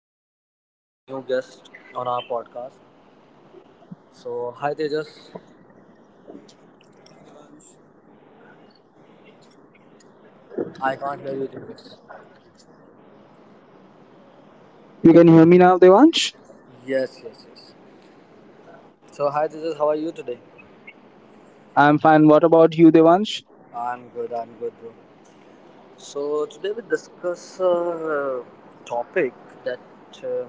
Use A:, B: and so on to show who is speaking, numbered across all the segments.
A: Today we have a new guest on our podcast. So, hi Tejas. I can't hear you, Tejas.
B: You can hear me now, Devansh?
A: Yes, yes, yes. So, hi Tejas. How are you today?
B: I'm fine. What about you, Devansh?
A: I'm good. I'm good, bro. So today we discuss a topic that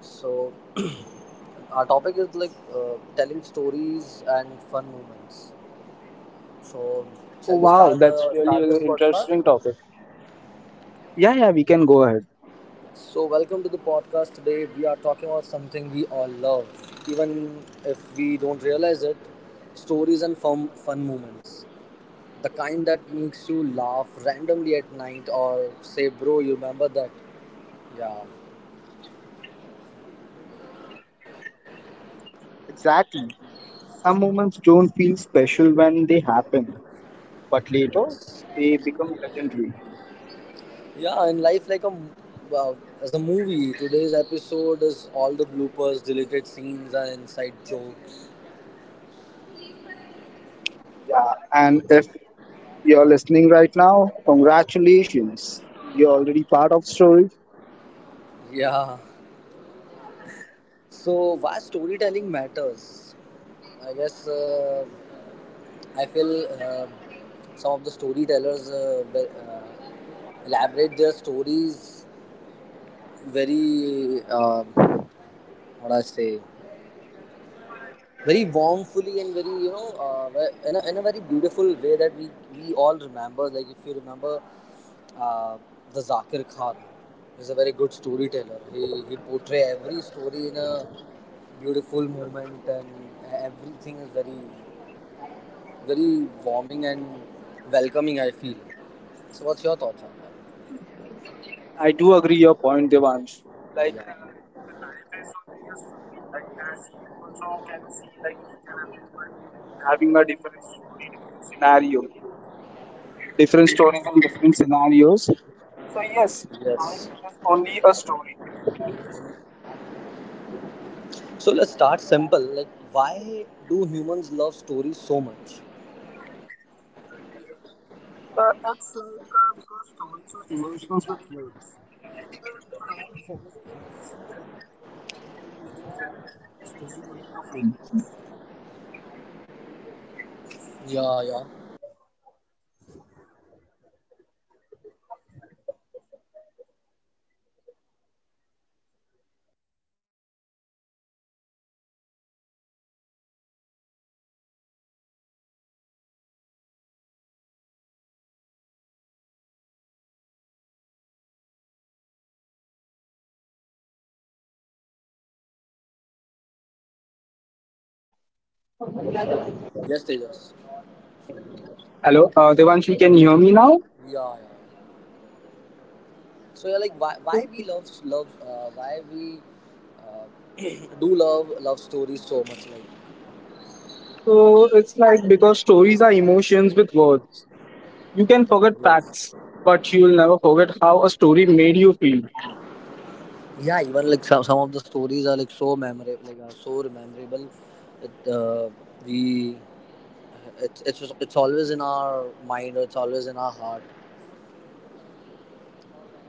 A: so our topic is like telling stories and fun moments. So
B: Oh,
A: shall we
B: wow,
A: start
B: that's
A: uh,
B: really
A: start this
B: an
A: podcast?
B: interesting topic. Yeah, yeah, we can go ahead.
A: So, welcome to the podcast. Today, we are talking about something we all love, even if we don't realize it, stories and fun moments. The kind that makes you laugh randomly at night or say, "Bro, you remember that?" Yeah.
B: Exactly. Some moments don't feel special when they happen, but later they become legendary.
A: Yeah, in life, uh, as a movie, today's episode is all the bloopers, deleted scenes, and inside jokes.
B: Yeah. And if you're listening right now, congratulations. You're already part of story.
A: Yeah. So why storytelling matters? I guess I feel some of the storytellers elaborate their stories very what I say, very warmfully and very, you know, in a very beautiful way that we all remember. Like if you remember, uh, the Zakir Khan, he's a very good storyteller. He portray every story in a beautiful moment, and everything is very, very warming and welcoming, I feel. So what's your thoughts on
B: I do agree your point, Devansh.
A: that?
B: like
A: Yeah,
B: uh, the life is only a story, like as you also can see, like each and everyone having a different story, different scenario, different stories and different scenarios.
A: yes. So let's start simple, like why do humans love stories so much? Yeah, yeah. Yes, Tejas.
B: Hello, Devanshi, can you hear me now?
A: Yeah, yeah, yeah. So yeah, like why we love love why we do love stories so much, like.
B: So it's like because stories are emotions with words. You can forget
A: Yes.
B: facts, but you'll never forget how a story made you feel.
A: Yeah, even like some of the stories are like so memorable, like are so rememberable that we it's just- it's always in our mind, or it's always in our heart.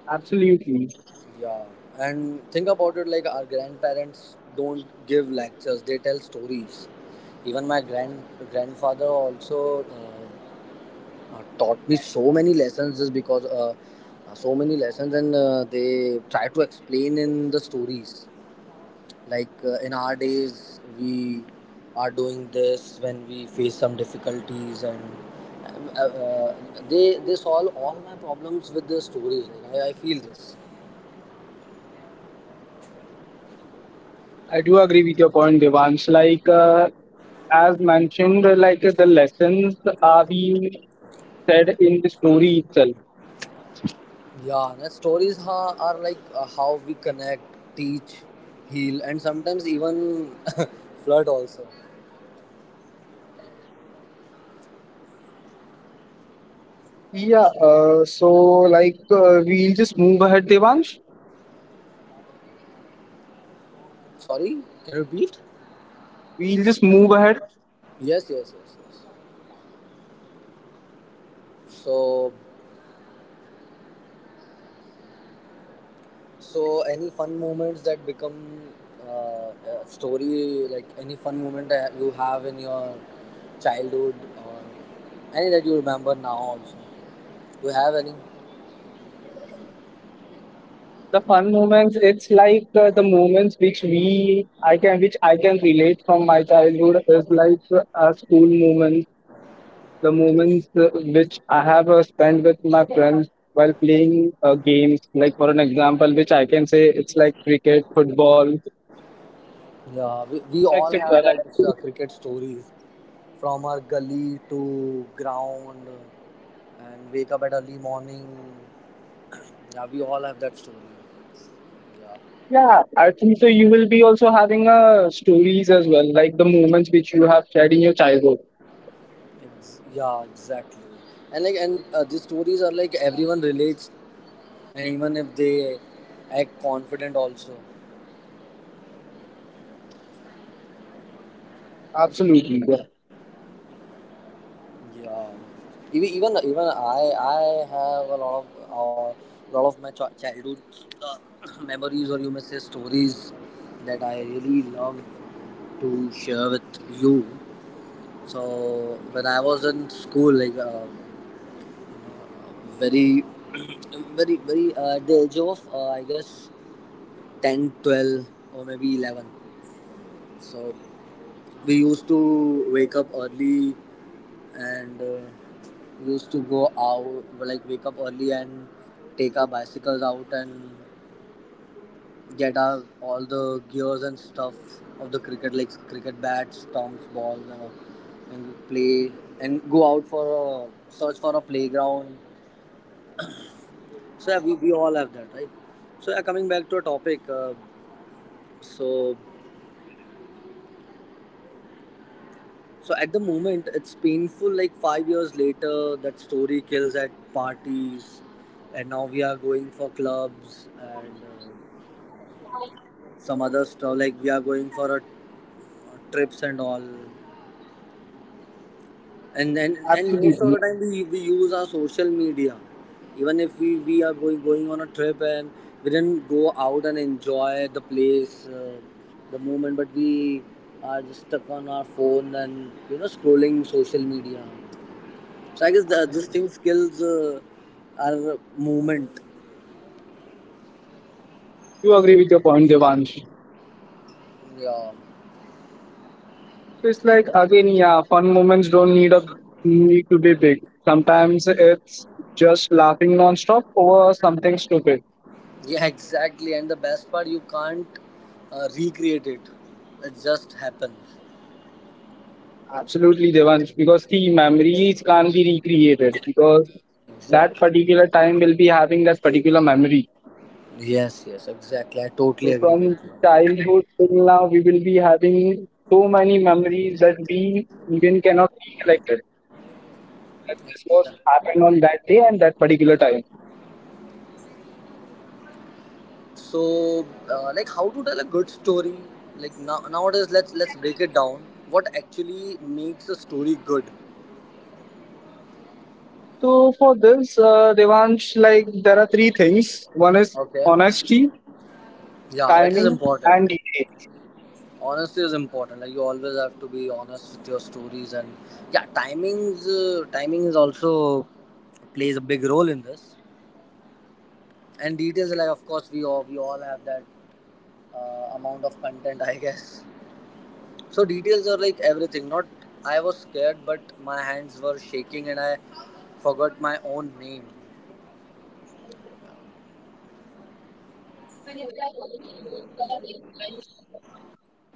B: Absolutely.
A: Yeah, and think about it, like our grandparents don't give lectures, they tell stories. Even my grandfather also taught me so many lessons just because so many lessons, and they try to explain in the stories. Like in our days, we are doing this when we face some difficulties, and uh, uh, they solve all my problems with the stories. Like I feel this.
B: I do agree with your point, Devansh. As mentioned, like the lessons are being said in the story itself.
A: Yeah, the stories are like how we connect, teach, heal, and sometimes even flirt also.
B: Yeah, so we'll just move ahead, Devansh.
A: Sorry, can you repeat?
B: We'll just move ahead.
A: Yes, yes, yes, yes. So, so any fun moments that become uh, a story, like any fun moment that you have in your childhood, or any that you remember now also. You have any?
B: The fun moments, it's like the moments which we, I can, which I can relate from my childhood is like our school moments, the moments which I have spent with my friends while playing games. Like for an example, which I can say it's like cricket, football,
A: Yeah, we all have
B: etc. Like
A: that
B: in,
A: cricket stories, from our gully to ground and wake up at early morning. Yeah, we all have that story. Yeah,
B: yeah, I think so. You will be also having stories as well, like the moments which you have shared in your childhood.
A: yeah, exactly. And like, and these stories are like everyone relates, and even if they act confident, also.
B: Absolutely, yeah.
A: Yeah, even I have a uh, lot of my childhood uh, memories, or you may say stories that I really love to share with you. So when I was in school, like very very very at the age of I guess 10, 12, or maybe 11. So we used to wake up early and used to go out, like wake up early and take our bicycles out, and get our all the gears and stuff of the cricket, like cricket bats, stumps, balls, and, all, and play, and go out for a search for a playground. So yeah, we all have that, right? So yeah, coming back to a topic so So at the moment, it's painful. Like 5 years later, that story kills at parties, and now we are going for clubs and some other stuff. Like we are going for a, trips and all. And then, and most
B: Absolutely,
A: of the
B: yeah.
A: time we use our social media. Even if we are going on a trip and we didn't go out and enjoy the place, the moment, but we are just stuck on our phone and, you know, scrolling social media. So I guess this thing skills are movement.
B: Do agree with your point, Devansh. So
A: Yeah,
B: it's like again, yeah, fun moments don't need a need to be big. Sometimes it's just laughing nonstop over something stupid.
A: yeah, exactly. And the best part, you can't recreate it. It just happens.
B: Absolutely, Devansh, because the memories can't be recreated, because that
A: Exactly.
B: particular time will be having that particular memory.
A: Yes, yes, exactly. I totally
B: So
A: agree
B: from
A: with
B: the
A: you.
B: childhood till now, we will be having so many memories that we even cannot recollect it. That this was
A: Exactly.
B: happened on that day and that particular time.
A: So, like, how to tell a good story? Like now, nowadays, let's break it down. What actually makes a story good?
B: So for this, Devansh, like there are three things. One is
A: Okay.
B: honesty,
A: Yeah, which is
B: timing,
A: important.
B: and details.
A: Honesty is important, like you always have to be honest with your stories. And yeah, timing is also plays a big role in this. And details, like of course we all have that amount of content, I guess. So details are like everything, not, I was scared, but my hands were shaking and I forgot my own name.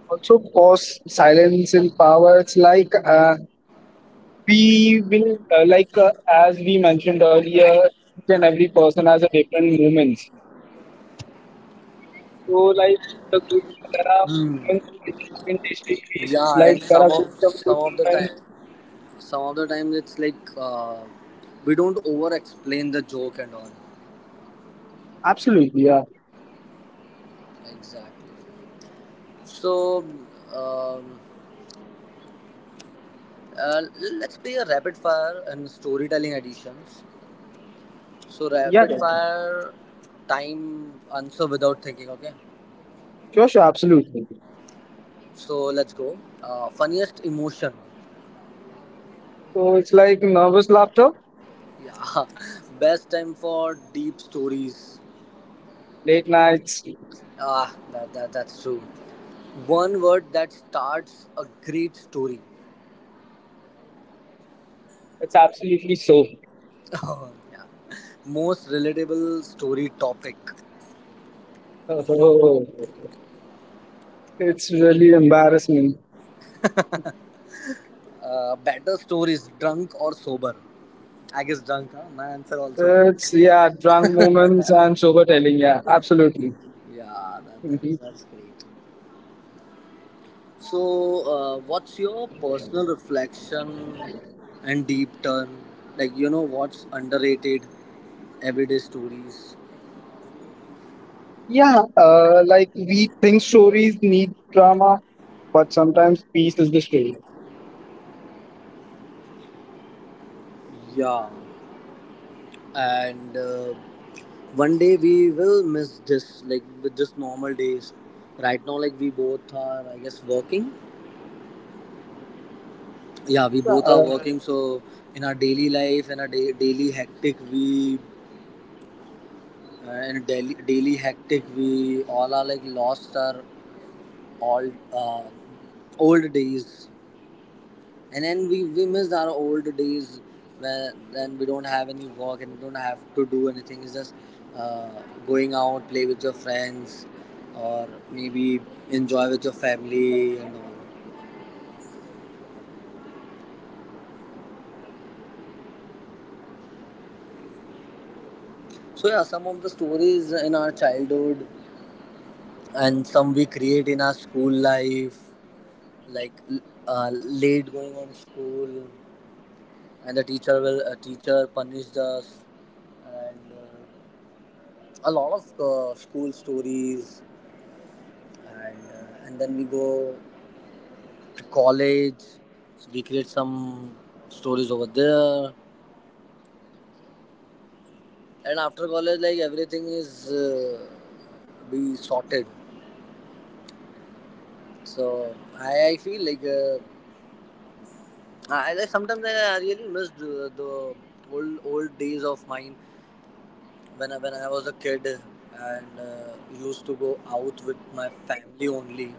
B: Also, pause, silence, and power. It's like we will, like as we mentioned earlier, each and every person has a different moments. So like the good, there are
A: Hmm.
B: moments which have been distinguished.
A: Yeah, and
B: Like there are
A: some of
B: good, some
A: some
B: good
A: of the
B: moments.
A: time, some of the time it's like we don't over explain the joke and all.
B: Absolutely, yeah,
A: Exactly. So um, uh, let's play a rapid fire and storytelling editions. So
B: yeah,
A: rapid
B: yeah.
A: fire, time answer without thinking. Okay.
B: Sure, sure, absolutely.
A: So let's go. Funniest emotion.
B: So it's like nervous laughter,
A: Yeah. Best time for deep stories.
B: late nights.
A: Ah, that's true. One word that starts a great story.
B: It's absolutely so.
A: Oh, yeah. Most relatable story topic.
B: Oh, it's really embarrassment.
A: Better stories, drunk or sober? I guess drunk, huh? My answer also drunk.
B: It's yeah, drunk moments and sober telling. Yeah, absolutely.
A: Yeah,
B: Mhm.
A: that's great. So, what's your personal reflection and deep turn? Like, you know, what's underrated everyday stories?
B: Yeah, like we think stories need drama, but sometimes peace is the story.
A: Yeah. And one day we will miss this, like with just normal days right now. Like we both are, I guess, working. Yeah, we
B: Yeah,
A: both are working. So in our daily life, in our daily hectic, we in a daily hectic, we all are like lost our all uh, old days. And then we missed our old days, where then we don't have any work and we don't have to do anything. It's just uh, going out, play with your friends, or maybe enjoy with your family and all. So yeah, some of the stories in our childhood, and some we create in our school life. Like late going on school, and the teacher will teacher punished us, and a lot of school stories. And and then we go to college, so we create some stories over there. And after college, like everything is be sorted. So I feel like I sometimes I really missed the old days of mine, when when I was a kid, and used to go out with my family only,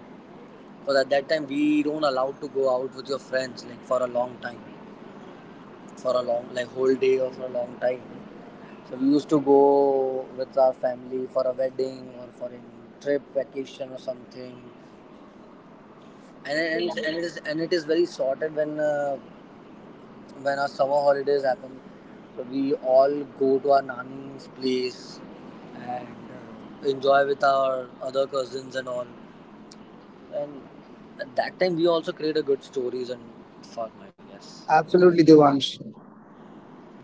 A: because at that time we don't allowed to go out with your friends like for a long time. For a long, like whole day or for a long time. So we used to go with our family for a wedding, or for a trip, vacation, or something. And it is very sorted when our summer holidays happen. So we all go to our nanny's place, and enjoy with our other cousins and all. And at that time we also create a good stories and fun, I guess.
B: absolutely, Devansh.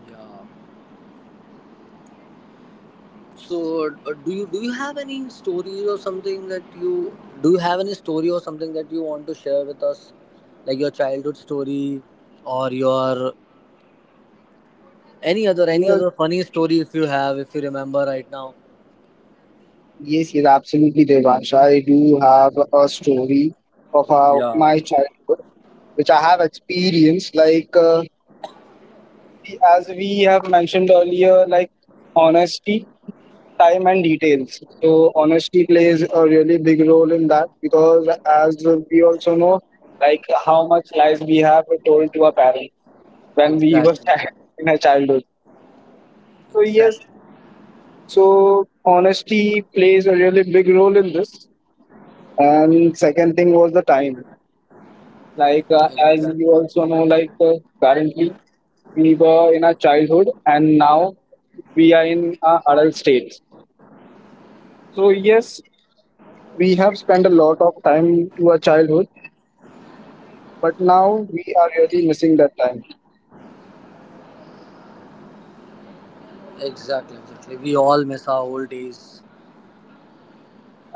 A: Yeah. So, do you have any stories or something that you do you have any story or something that you want to share with us, like your childhood story, or your, any other, any other funny story, if you have, if you remember right now?
B: Yes, yes, absolutely, Devansh. I do have a story of how
A: Yeah,
B: my childhood, which I have experienced. Like, see, as we have mentioned earlier, like honesty, time, and details. So, honesty plays a really big role in that because, as we also know, like how much lies we have told to our parents when we were
A: exactly,
B: child in our childhood. So, yes,
A: exactly,
B: so honesty plays a really big role in this. And second thing was the time. As
A: exactly,
B: you also know, currently we were in our childhood and now we are in our adult state. So yes, we have spent a lot of time to our childhood, but now we are really missing that time.
A: exactly, exactly. We all miss our old days.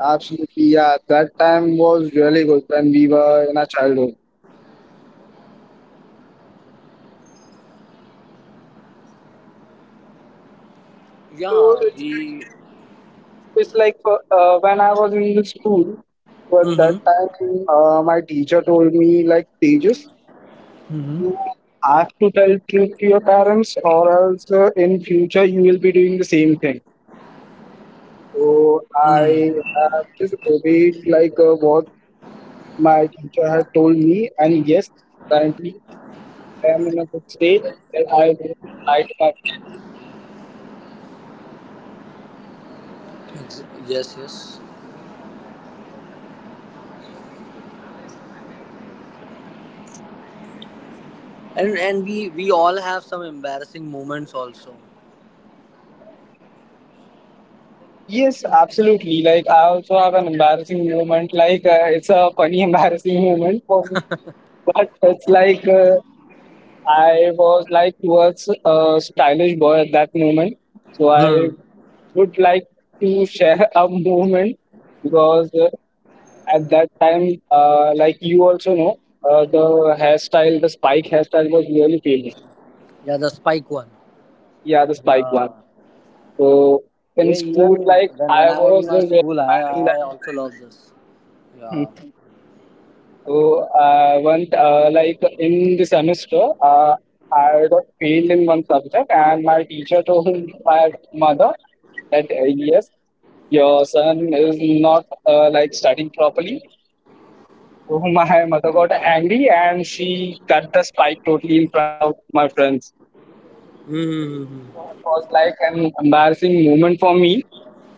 B: Absolutely, yeah, that time was really good when we were in our childhood. So
A: Yeah,
B: it's like
A: we.
B: it's like for, when I was in the school, but that
A: Mm-hmm.
B: time my teacher told me like pages. You
A: Mm-hmm.
B: have to tell truth to your parents, or else in future you will be doing the same thing. So I
A: Mm.
B: have just obeyed like what my teacher had told me, and yes, currently I am in a good state that I won't lie to my parents.
A: Ex- yes, yes. And we all have some embarrassing moments also.
B: Yes, absolutely. Like I also have an embarrassing moment. It's a funny embarrassing moment for me, but it's like I was like was a stylish boy at that moment, so I
A: Hmm.
B: would like to share a moment because at that time, like you also know, the hairstyle, the spike hairstyle was really famous.
A: Yeah, the spike one.
B: Yeah, the spike one.
A: Yeah.
B: So in
A: Even
B: school,
A: even
B: like
A: when
B: I
A: I was in
B: was
A: my
B: really
A: school, I
B: mad in
A: I
B: that
A: also
B: style.
A: loved this. Yeah.
B: So I went like in the semester, I got failed in one subject, and my teacher told my mother that yes, your son is not like studying properly. So my mother got angry and she cut the spike totally in front of my friends.
A: Hmm.
B: So it was like an embarrassing moment for me,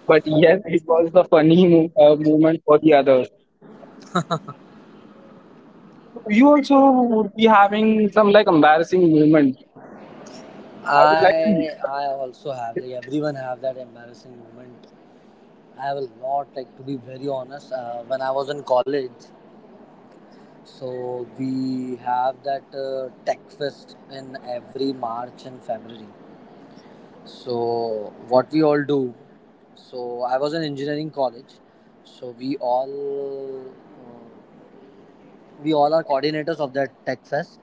B: but yes, it was the funny moment for the others. So you also would be having some like embarrassing moment. I would like to
A: I
B: hear that.
A: I also have, like everyone have that embarrassing moment. I have a lot, like to be very honest. When I was in college, so we have that tech fest in every March and February. So, what we all do, so I was in engineering college, so we all are coordinators of that tech fest.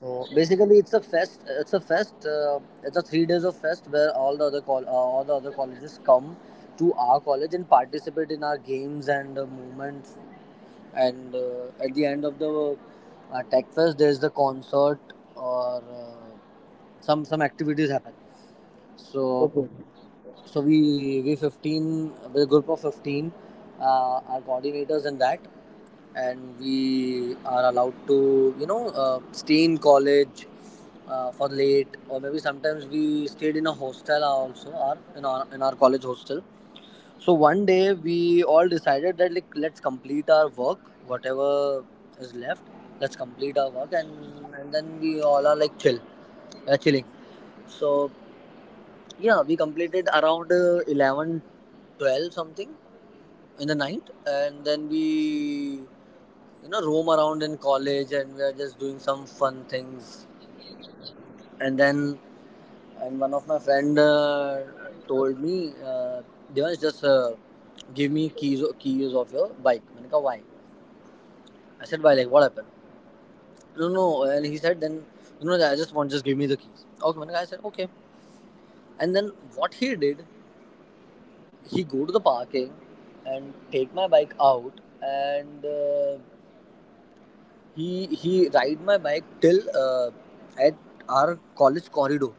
A: So basically, it's a fest. It's a fest. It's a 3 days of fest where all the other colleges come to our college and participate in our games and movements. And at the end of the tech fest, there's the concert or some activities happen. So
B: Okay.
A: So we're a group of 15, are coordinators and that, and we are allowed to, you know, stay in college for late, or maybe sometimes we stayed in a hostel also, or in our college hostel. So one day we all decided that, like, let's complete our work, whatever is left. Let's complete our work, and then we all are like chill, chilling. So yeah, we completed around 11 12 something in the night, and then we roam around in college, and we are just doing some fun things. And then and one of my friend told me, Devansh, just give me keys of your bike. I said why. I said why, like what happened? No, no. And he said then, you know I just want just give me the keys. Okay, I said okay. And then what he did, he go to the parking and take my bike out. And he ride my bike till at our college corridor.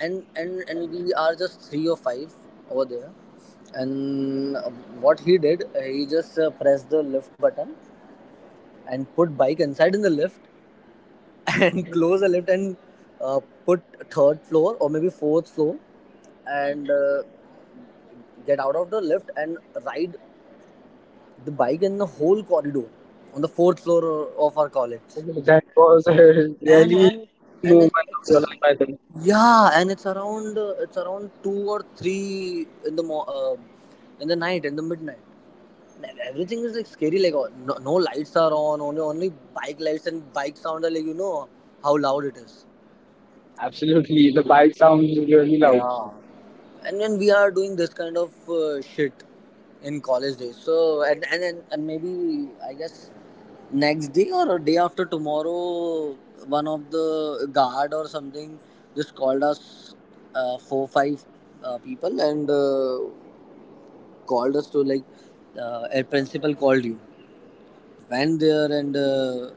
A: And we are just three or five over there. And what he did, he just pressed the lift button and put bike inside in the lift and close the lift. And put third floor or maybe fourth floor. And get out of the lift and ride the bike in the whole corridor on the fourth floor of our college.
B: That was a
A: And
B: really big
A: it,
B: moment of your
A: it's
B: life, I think.
A: yeah, and it's around two or three in the in the night, in the midnight. And everything is like scary. Like, oh, no, no lights are on. Only bike lights and bike sound are, like, how loud it is.
B: Absolutely. The bike sounds really loud.
A: Yeah. And when we are doing this kind of shit in college days, so and maybe I guess next day or a day after tomorrow, one of the guard or something just called us, four five people. And called us to, like, a principal called you. Went there, and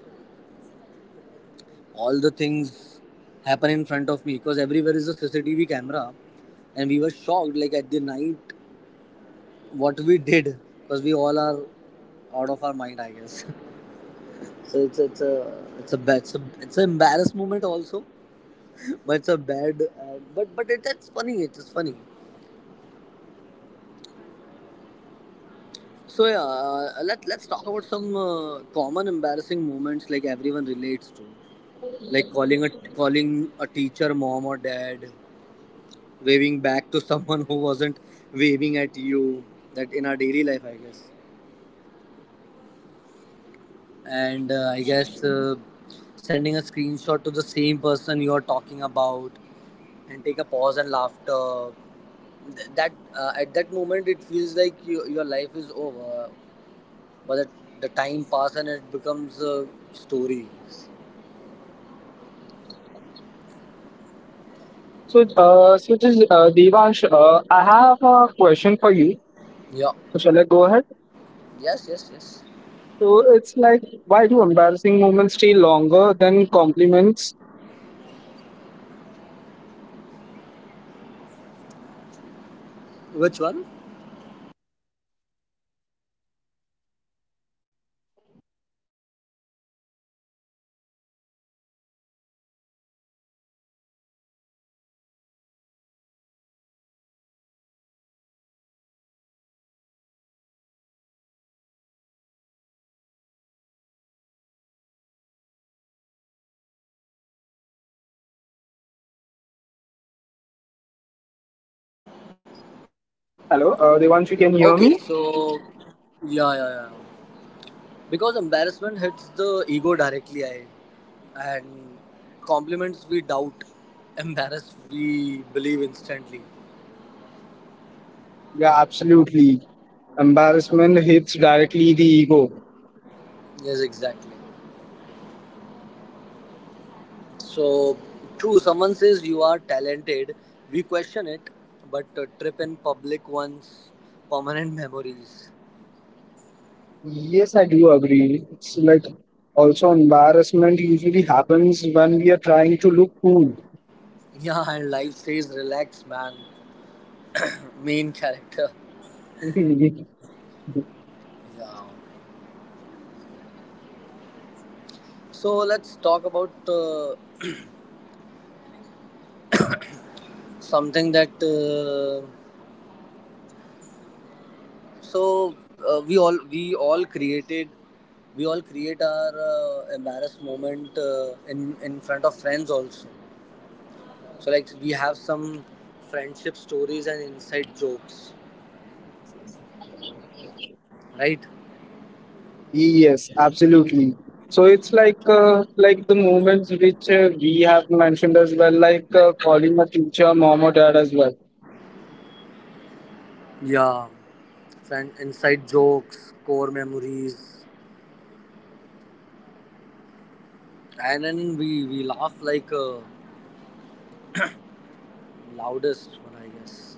A: all the things happen in front of me because everywhere is a CCTV camera. And we were shocked, like, at the night what we did, because we all are out of our mind, I guess. So it's a it's an embarrassed moment also, but it's a bad, but it's funny, it's funny. So yeah, let's talk about some common embarrassing moments like everyone relates to, like calling a teacher mom or dad, waving back to someone who wasn't waving at you. That in our daily life, I guess. And I guess, sending a screenshot to the same person you're talking about and take a pause and laughter. That at that moment it feels like your life is over, but the time passes and it becomes a story.
B: So, so just, Devansh, I have a question for you.
A: Yeah.
B: So, shall I go ahead?
A: Yes. Yes. Yes.
B: So, it's like, why do embarrassing moments stay longer than compliments?
A: Which one?
B: Hello,
A: Okay.
B: Devansh, you can hear
A: So.
B: me?
A: Yeah. Yeah. Yeah. Because embarrassment hits the ego directly, I and compliments we doubt, embarrassed we believe instantly.
B: Yeah, absolutely. Embarrassment hits directly the ego.
A: Yes, exactly. So true. Someone says you are talented, we question it, but a trip in public ones permanent memories.
B: Yes, I do agree. It's like also embarrassment usually happens when we are trying to look cool.
A: Yeah, and life says relax, man. Main character. Yeah. So let's talk about something that. So we all created we all create our embarrassed moment, in front of friends also. So like we have some friendship stories and inside jokes, right?
B: Yes, absolutely. So it's like like the moments which we have mentioned as well, like calling a teacher, mom or dad as well.
A: Yeah, friend inside jokes, core memories, and then we laugh like loudest one, I guess.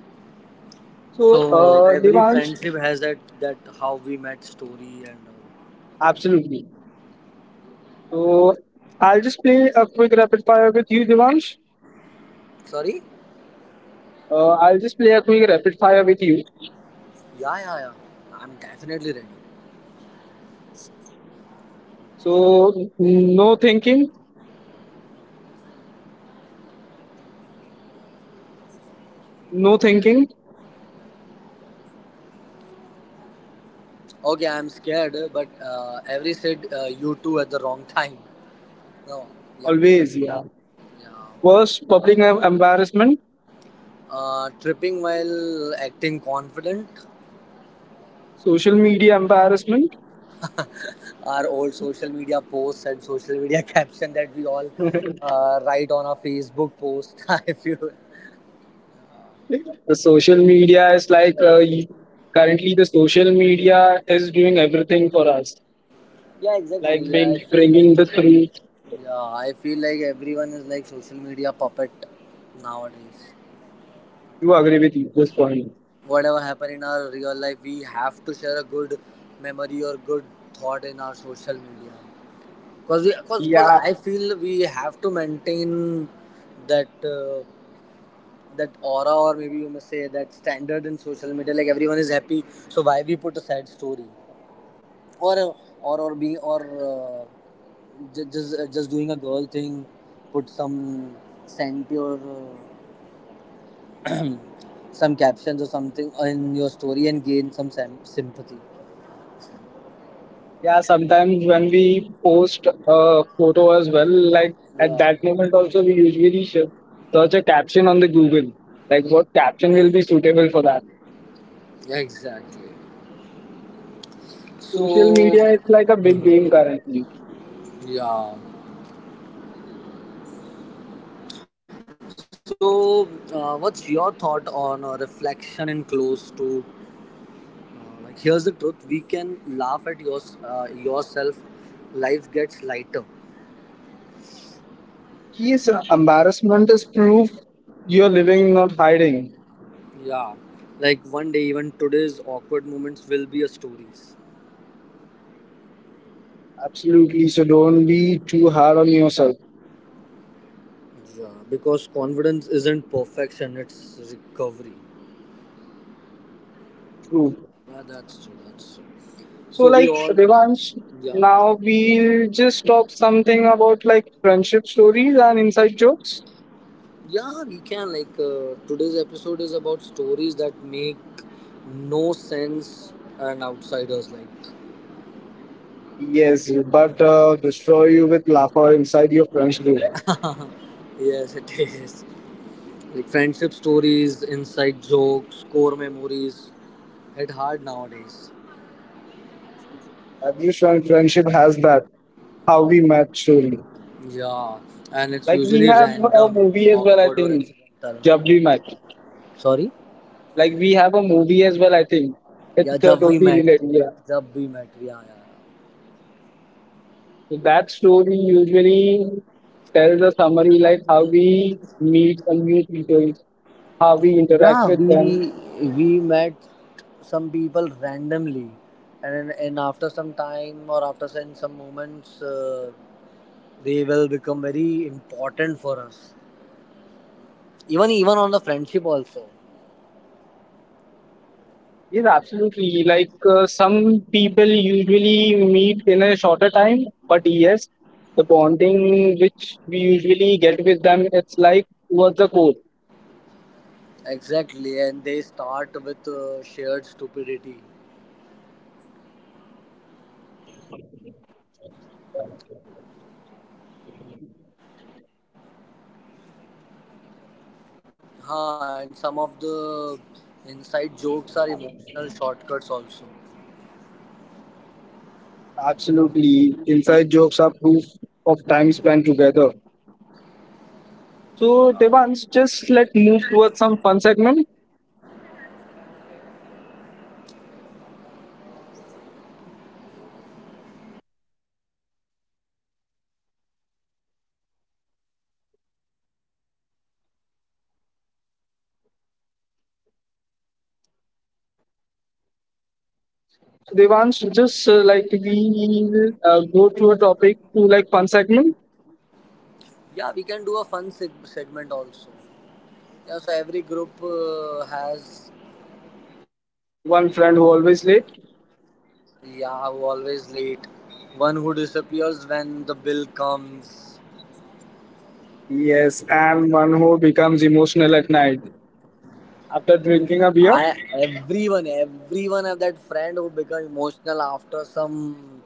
B: So
A: So every
B: Devansh,
A: friendship has that how we met story and
B: absolutely. So I'll just play a quick rapid fire with you, Devansh.
A: sorry.
B: I'll just play a quick rapid fire with you.
A: Yeah, yeah, yeah. I'm definitely ready.
B: So no thinking, no thinking,
A: Okay, I'm scared, but Avery said you two at the wrong time. No, yeah,
B: always. Yeah.
A: yeah.
B: Worst public embarrassment,
A: Tripping while acting confident.
B: social media embarrassment.
A: Our old social media posts and social media caption that we all write on our Facebook post. I feel.
B: The social media is like currently the social media is doing everything for us,
A: Yeah, exactly.
B: like
A: Yeah,
B: being,
A: I feel
B: bringing
A: like.
B: the truth.
A: Yeah, I feel like everyone is like social media puppet nowadays.
B: You agree with this point?
A: Whatever happen in our real life, we have to share a good memory or good thought in our social media, because we cause
B: Yeah,
A: I feel we have to maintain that uh, that aura, or maybe you may say that standard in social media, like everyone is happy, so why we put a sad story, or be or uh, just doing a girl thing, put some sent, or some captions or something in your story and gain some sympathy.
B: yeah. Sometimes when we post a photo as well, like at
A: Yeah,
B: that moment also we usually search a caption on the Google, like what caption will be suitable for that.
A: exactly.
B: Social
A: So.
B: media is like a big game
A: Mhm.
B: currently.
A: Yeah. So, what's your thought on reflection and close to? Uh, like, here's the truth: we can laugh at yourself. Life gets lighter.
B: Yes, embarrassment is proof you're living, not hiding.
A: Yeah, like one day, even today's awkward moments will be a stories.
B: Absolutely. So don't be too hard on yourself.
A: Yeah, because confidence isn't perfection; it's recovery.
B: True.
A: Yeah, that's true. That's true.
B: So
A: So we
B: like
A: all,
B: revanche.
A: yeah.
B: Now we'll just talk something about like friendship stories and inside jokes.
A: Yeah, we can, like, today's episode is about stories that make no sense, and outsiders, like,
B: Yes, but destroy you with laughter inside your friendship group.
A: yes it is, like friendship stories, inside jokes, core memories hit hard nowadays.
B: Every friendship has that. How we met story.
A: Yeah, and it's
B: Like we
A: usually
B: have a
A: random,
B: movie as well, I
A: awkward, or
B: think.
A: accidental.
B: Jab we met.
A: Sorry.
B: Like we have a movie as well, I think.
A: Yeah,
B: It's
A: Jab We
B: totally
A: Met.
B: related. Yeah.
A: Jab We Met, yeah, yeah, yeah.
B: That story usually tells a summary like how we meet a new people, how we interact
A: Yeah,
B: with them.
A: we met some people randomly, and after some time, or after some moments, they will become very important for us. Even on the friendship also.
B: Yes, absolutely. Some people usually meet in a shorter time, but yes, the bonding which we usually get with them, it's like what's the core.
A: Exactly, and they start with shared stupidity. Huh, and some of the inside jokes are emotional shortcuts also.
B: Absolutely. Inside jokes are proof of time spent together. So, Devans, just let's move towards some fun segment. Devansh, just like we go to a topic to like one segment,
A: Yeah, we can do a fun segment also. Yeah, so every group has,
B: one friend who always late,
A: yeah, always late. One who disappears when the bill comes.
B: yes, and one who becomes emotional at night after drinking a beer.
A: Everyone have that friend who become emotional after some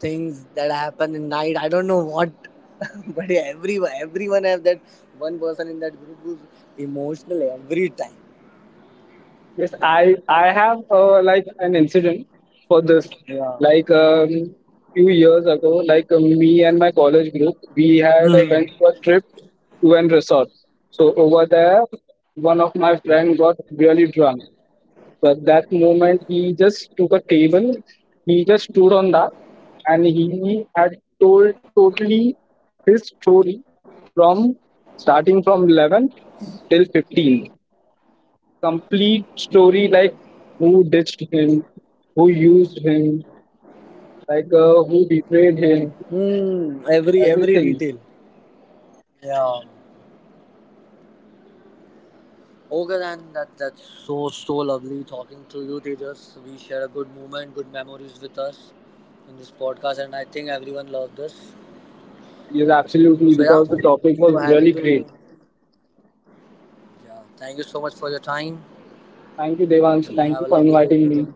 A: things that happen in night. I don't know what, but yeah, everyone have that one person in that group who's emotional every time.
B: Yes, I have like an incident for this.
A: Yeah.
B: Like um, Few years ago, me and my college group, we had went
A: Hmm.
B: for a trip to an resort. So over there, one of my friend got really drunk. But that moment, he just took a table, he just stood on that, and he had told totally his story from starting from 11 till 15. Complete story, like who ditched him, who used him, like who
A: Hmm.
B: betrayed him,
A: Every detail.
B: everything.
A: Yeah. Okay, then that's so lovely talking to you, Tejas. We share a good moment, good memories with us in this podcast, and I think everyone loved this. So
B: Yes,
A: yeah,
B: absolutely,
A: so
B: because the
A: happy
B: topic
A: to.
B: was really great.
A: Yeah, thank you so much for your time.
B: Thank you,
A: Have a lovely
B: Devansh.
A: day,
B: Thank you for
A: everyone.
B: inviting me.